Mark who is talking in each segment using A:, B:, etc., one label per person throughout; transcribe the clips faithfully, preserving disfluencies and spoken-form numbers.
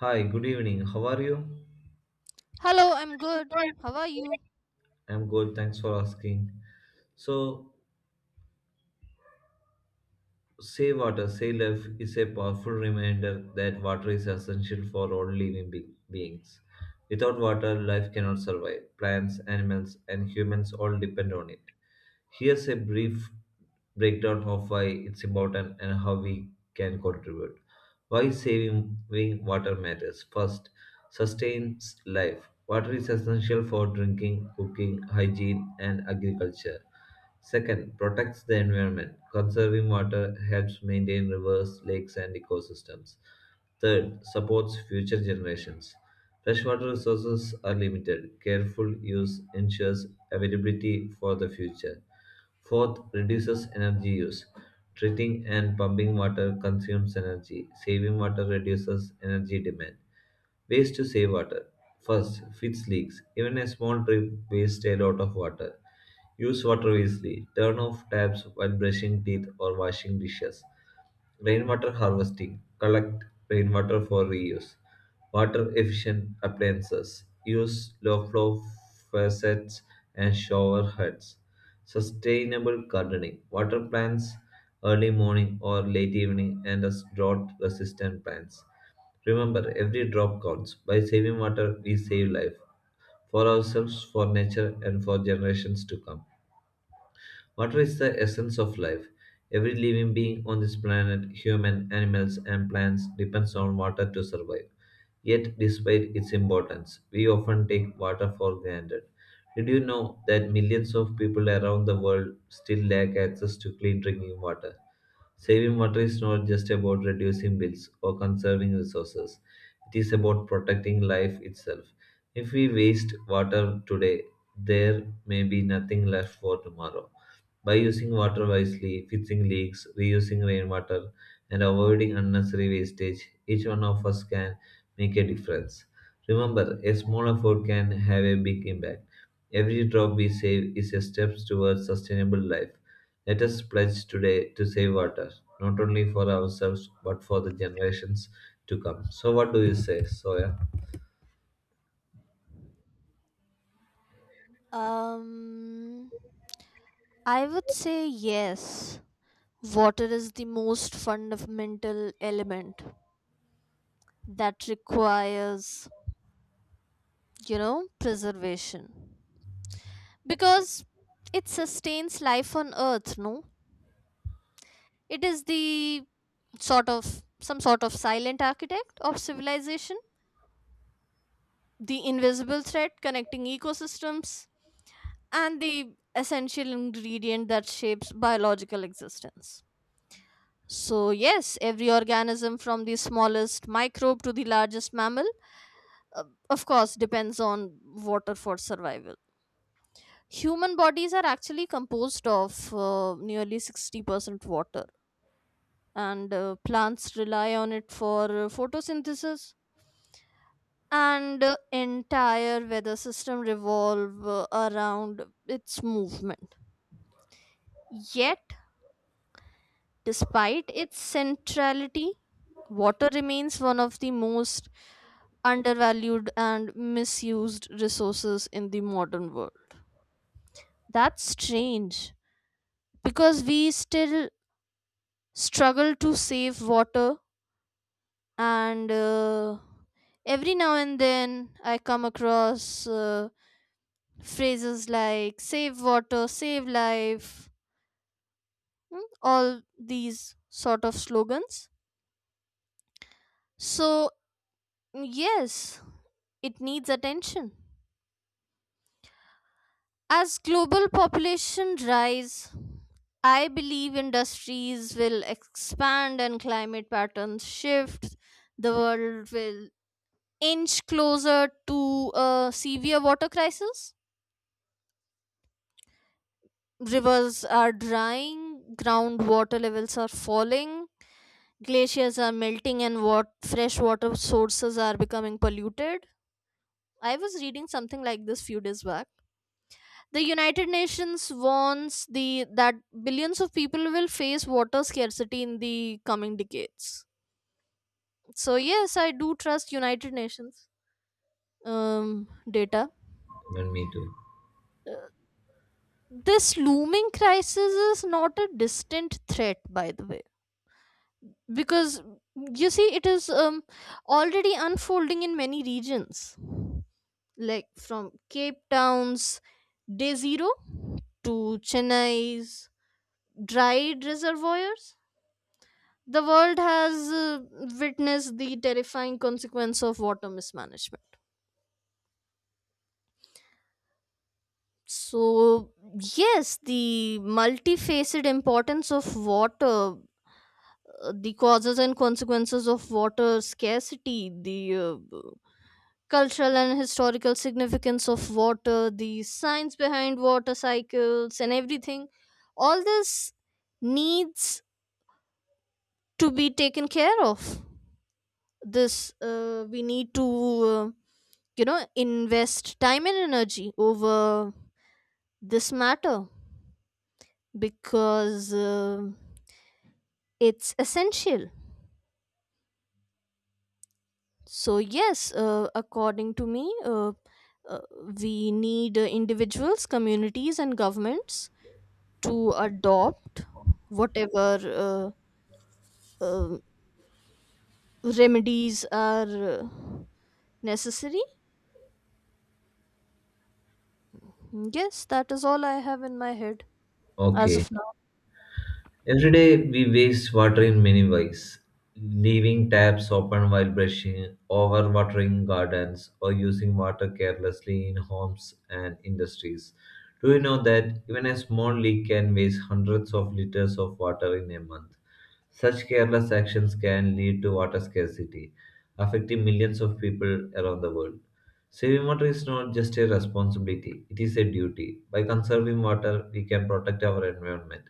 A: Hi, good evening. How are you?
B: Hello, I'm good. How are you?
A: I'm good, thanks for asking. So, Save Water, Save Life is a powerful reminder that water is essential for all living be- beings. Without water, life cannot survive. Plants, animals, and humans all depend on it. Here's a brief breakdown of why it's important and how we can contribute. Why saving saving water matters. First, sustains life. Water is essential for drinking, cooking, hygiene, and agriculture. Second, protects the environment. Conserving water helps maintain rivers, lakes, and ecosystems. Third, supports future generations. Freshwater resources are limited. Careful use ensures availability for the future. Fourth, reduces energy use. Treating and pumping water consumes energy. Saving water reduces energy demand. Ways to save water. First, fix leaks. Even a small drip wastes a lot of water. Use water wisely. Turn off taps while brushing teeth or washing dishes. Rainwater harvesting. Collect rainwater for reuse. Water efficient appliances. Use low flow faucets and shower heads. Sustainable gardening. Water plants early morning or late evening and as drought resistant plants. Remember, every drop counts. By saving water, we save life for ourselves, for nature, and for generations to come. Water is the essence of life. Every living being on this planet, human, animals, and plants, depends on water to survive. Yet, despite its importance, we often take water for granted. Did you know that millions of people around the world still lack access to clean drinking water? Saving water is not just about reducing bills or conserving resources, it is about protecting life itself. If we waste water today, there may be nothing left for tomorrow. By using water wisely, fixing leaks, reusing rainwater, and avoiding unnecessary wastage, each one of us can make a difference. Remember, a small effort can have a big impact. Every drop we save is a step towards sustainable life. Let us pledge today to save water, not only for ourselves but for the generations to come. So, what do you say, Soya?
B: Um, I would say yes. Water is the most fundamental element that requires, you know, preservation. Because it sustains life on earth, no? It is the sort of some sort of silent architect of civilization, the invisible thread connecting ecosystems, and the essential ingredient that shapes biological existence. So, yes, every organism from the smallest microbe to the largest mammal, uh, of course, depends on water for survival. Human bodies are actually composed of uh, nearly sixty percent water, and uh, plants rely on it for uh, photosynthesis. And uh, entire weather system revolve uh, around its movement. Yet, despite its centrality, water remains one of the most undervalued and misused resources in the modern world. That's strange because we still struggle to save water, and uh, every now and then I come across uh, phrases like save water, save life, mm, all these sort of slogans. So, yes, it needs attention. As global population rise, I believe industries will expand and climate patterns shift. The world will inch closer to a severe water crisis. Rivers are drying, groundwater levels are falling, glaciers are melting, and what fresh water sources are becoming polluted. I was reading something like this few days back. The United Nations warns the that billions of people will face water scarcity in the coming decades. So yes, I do trust United Nations um, data.
A: Even me too.
B: Uh, This looming crisis is not a distant threat, by the way, because you see, it is um, already unfolding in many regions, like from Cape Town's day zero to Chennai's dried reservoirs. The world has uh, witnessed the terrifying consequence of water mismanagement. So, yes, the multifaceted importance of water, uh, the causes and consequences of water scarcity, the uh, cultural and historical significance of water, the science behind water cycles, and everything, all this needs to be taken care of. This uh, we need to. Uh, you know, invest time and energy over this matter because uh, it's essential. So yes, uh, according to me, uh, uh, we need uh, individuals, communities and governments to adopt whatever uh, uh, remedies are uh, necessary. Yes, that is all I have in my head as
A: Okay.
B: of now.
A: Every day we waste water in many ways, leaving taps open while brushing, overwatering gardens, or using water carelessly in homes and industries. Do you know that even a small leak can waste hundreds of liters of water in a month? Such careless actions can lead to water scarcity, affecting millions of people around the world. Saving water is not just a responsibility, it is a duty. By conserving water, we can protect our environment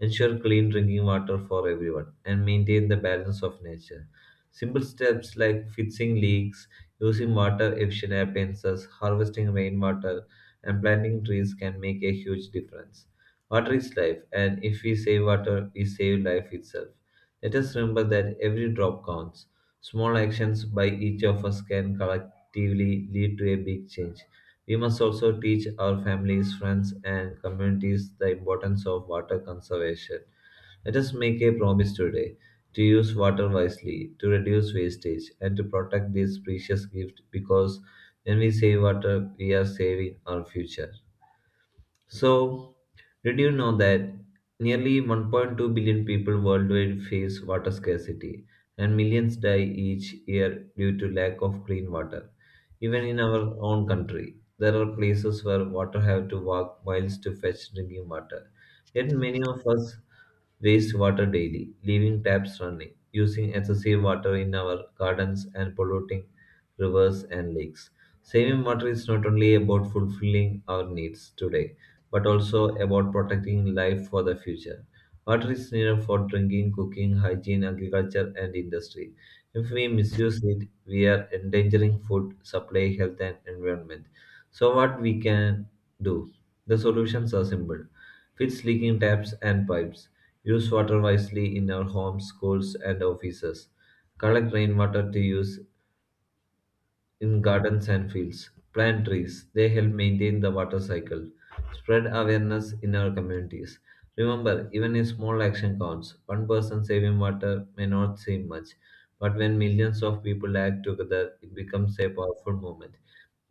A: ensure clean drinking water for everyone, and maintain the balance of nature. Simple steps like fixing leaks, using water efficient appliances, harvesting rainwater, and planting trees can make a huge difference. Water is life, and if we save water, we save life itself. Let us remember that every drop counts. Small actions by each of us can collectively lead to a big change. We must also teach our families, friends, and communities the importance of water conservation. Let us make a promise today to use water wisely, to reduce wastage, and to protect this precious gift because when we save water, we are saving our future. So, did you know that nearly one point two billion people worldwide face water scarcity and millions die each year due to lack of clean water? Even in our own country, there are places where water have to walk miles to fetch drinking water. Yet many of us waste water daily, leaving taps running, using excessive water in our gardens and polluting rivers and lakes. Saving water is not only about fulfilling our needs today, but also about protecting life for the future. Water is needed for drinking, cooking, hygiene, agriculture, and industry. If we misuse it, we are endangering food supply, health, and environment. So, what we can do? The solutions are simple: fix leaking taps and pipes, use water wisely in our homes, schools, and offices, collect rainwater to use in gardens and fields. Plant trees. They help maintain the water cycle. Spread awareness in our communities. Remember, even a small action counts. One person saving water may not seem much, but when millions of people act together, it becomes a powerful movement.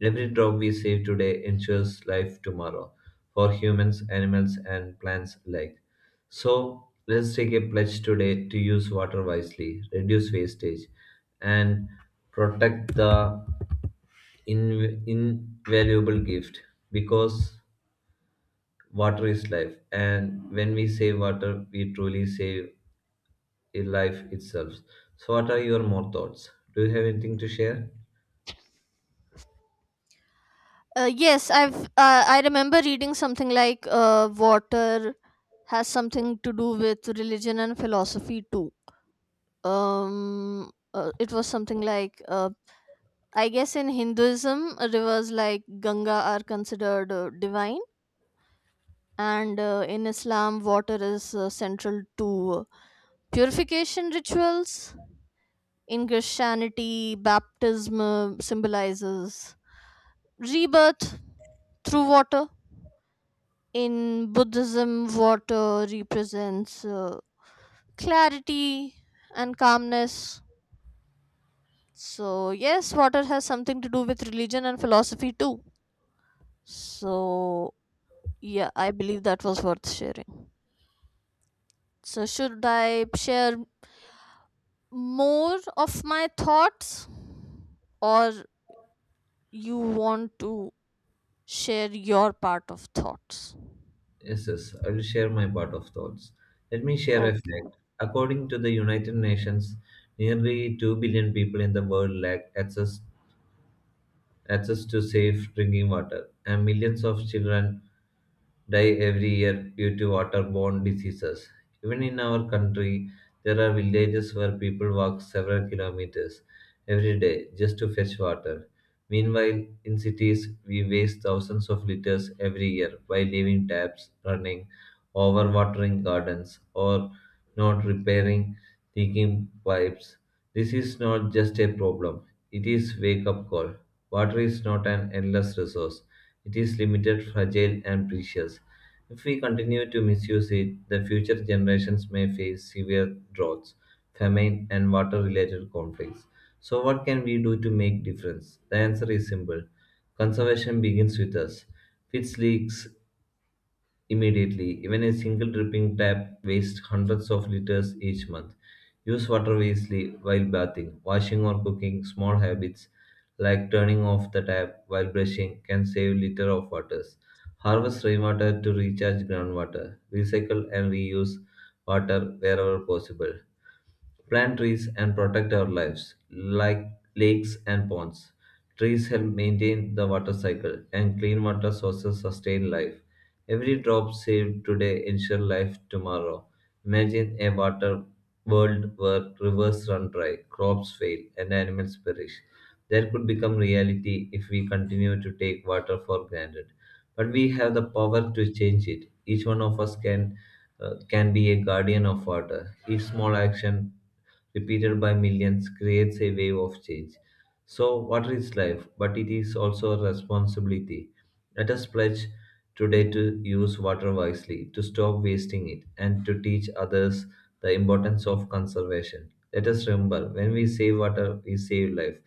A: Every drop we save today ensures life tomorrow for humans, animals, and plants alike. So, let's take a pledge today to use water wisely, reduce wastage, and protect the in, invaluable gift because water is life, and when we save water, we truly save a life itself. So what are your more thoughts? Do you have anything to share?
B: Uh, yes, I've uh, I remember reading something like uh, water has something to do with religion and philosophy too. Um, uh, it was something like uh, I guess in Hinduism, uh, rivers like Ganga are considered uh, divine, and uh, in Islam, water is uh, central to uh, purification rituals. In Christianity, baptism uh, symbolizes rebirth through water. In Buddhism, water represents uh, clarity and calmness. So, yes, water has something to do with religion and philosophy too. So, yeah, I believe that was worth sharing. So, should I share more of my thoughts, or you want to share your part of thoughts?
A: Yes, yes, I will share my part of thoughts. Let me share a
B: Okay.
A: fact. According to the United Nations, nearly two billion people in the world lack access access to safe drinking water, and millions of children die every year due to waterborne diseases. Even in our country, there are villages where people walk several kilometers every day just to fetch water. Meanwhile, in cities, we waste thousands of liters every year by leaving taps running, overwatering gardens, or not repairing leaking pipes. This is not just a problem, it is wake up call. Water is not an endless resource. It is limited, fragile, and precious. If we continue to misuse it, the future generations may face severe droughts, famine, and water-related conflicts. So what can we do to make difference? The answer is simple. Conservation begins with us. Fix leaks, immediately. Even a single dripping tap wastes hundreds of liters each month. Use water wisely while bathing, washing, or cooking. Small habits like turning off the tap while brushing can save liter of waters. Harvest rainwater to recharge groundwater. Recycle and reuse water wherever possible. Plant trees and protect our lives, like lakes and ponds. Trees help maintain the water cycle, and clean water sources sustain life. Every drop saved today ensures life tomorrow. Imagine a water world where rivers run dry, crops fail, and animals perish. That could become reality if we continue to take water for granted. But we have the power to change it. Each one of us can uh, can be a guardian of water. Each small action, repeated by millions, creates a wave of change. So, water is life, but it is also a responsibility. Let us pledge today to use water wisely, to stop wasting it, and to teach others the importance of conservation. Let us remember when we save water, we save life,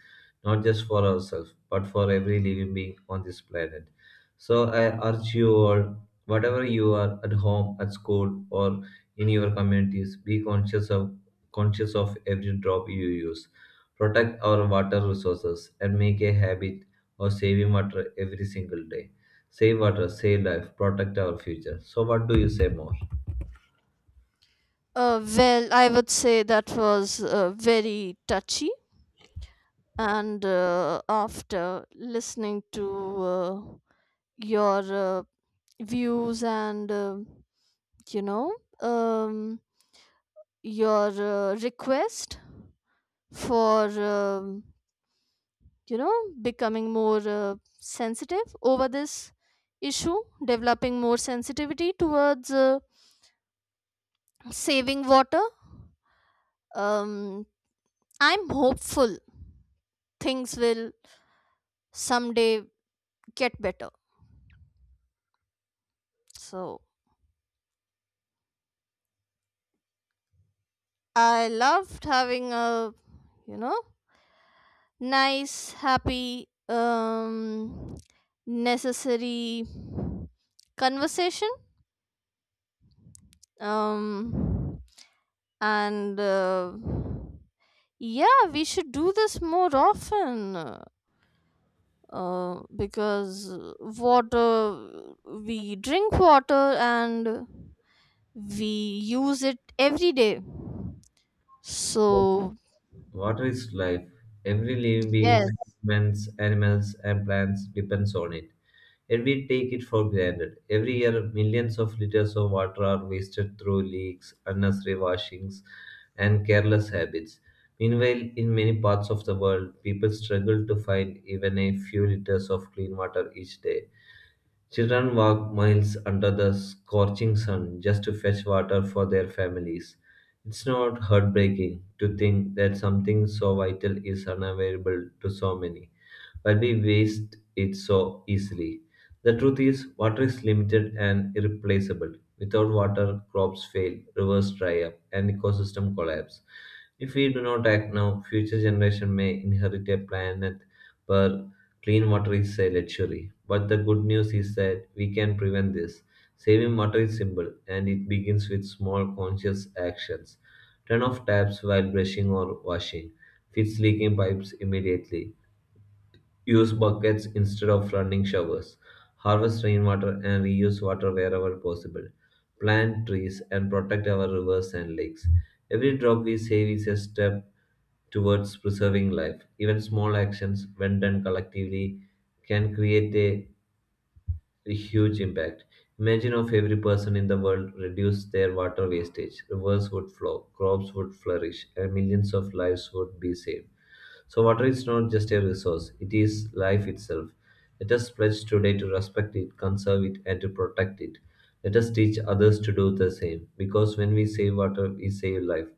A: not just for ourselves, but for every living being on this planet. So I urge you all, whatever you are at home, at school, or in your communities, be conscious of conscious of every drop you use. Protect our water resources and make a habit of saving water every single day. Save water, save life, protect our future. So what do you say more?
B: Uh, well, I would say that was uh, very touchy and uh, after listening to uh, your uh, views and uh, you know, um, your uh, request for um, you know, becoming more uh, sensitive over this issue, developing more sensitivity towards uh, saving water. um, I'm hopeful things will someday get better. So I loved having a, you know, nice happy, um necessary conversation, um and uh, yeah, we should do this more often, uh, uh, because water, we drink water and we use it every day, so
A: Water is life. Every living being,
B: yes.
A: humans, animals, and plants depends on it. Yet we take it for granted. Every year, millions of liters of water are wasted through leaks, unnecessary washings, and careless habits. Meanwhile, in many parts of the world, people struggle to find even a few liters of clean water each day. Children walk miles under the scorching sun just to fetch water for their families. It's not heartbreaking to think that something so vital is unavailable to so many, but we waste it so easily. The truth is, water is limited and irreplaceable. Without water, crops fail, rivers dry up, and ecosystem collapse. If we do not act now, future generations may inherit a planet where clean water is a luxury, but the good news is that we can prevent this. Saving water is simple, and it begins with small conscious actions. Turn off taps while brushing or washing. Fix leaking pipes immediately. Use buckets instead of running showers. Harvest rainwater and reuse water wherever possible. Plant trees and protect our rivers and lakes. Every drop we save is a step towards preserving life. Even small actions, when done collectively, can create a huge impact. Imagine if every person in the world reduced their water wastage, rivers would flow, crops would flourish, and millions of lives would be saved. So, water is not just a resource, it is life itself. Let us pledge today to respect it, conserve it, and to protect it. Let us teach others to do the same, because when we save water, we save life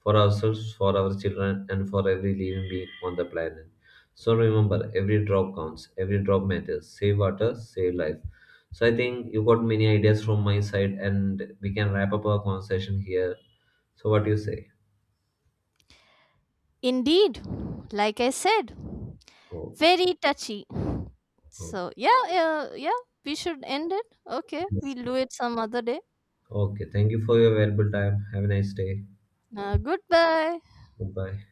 A: for ourselves, for our children, and for every living being on the planet. So, remember, every drop counts, every drop matters. Save water, save life. So, I think you got many ideas from my side, and we can wrap up our conversation here. So, what do you say?
B: Indeed, like I said,
A: Oh,
B: very touchy.
A: oh.
B: So yeah, yeah, yeah. We should end it. Okay,
A: Yes.
B: we'll do it some other day.
A: Okay, thank you for your valuable time. Have a nice day.
B: Uh, goodbye.
A: Goodbye.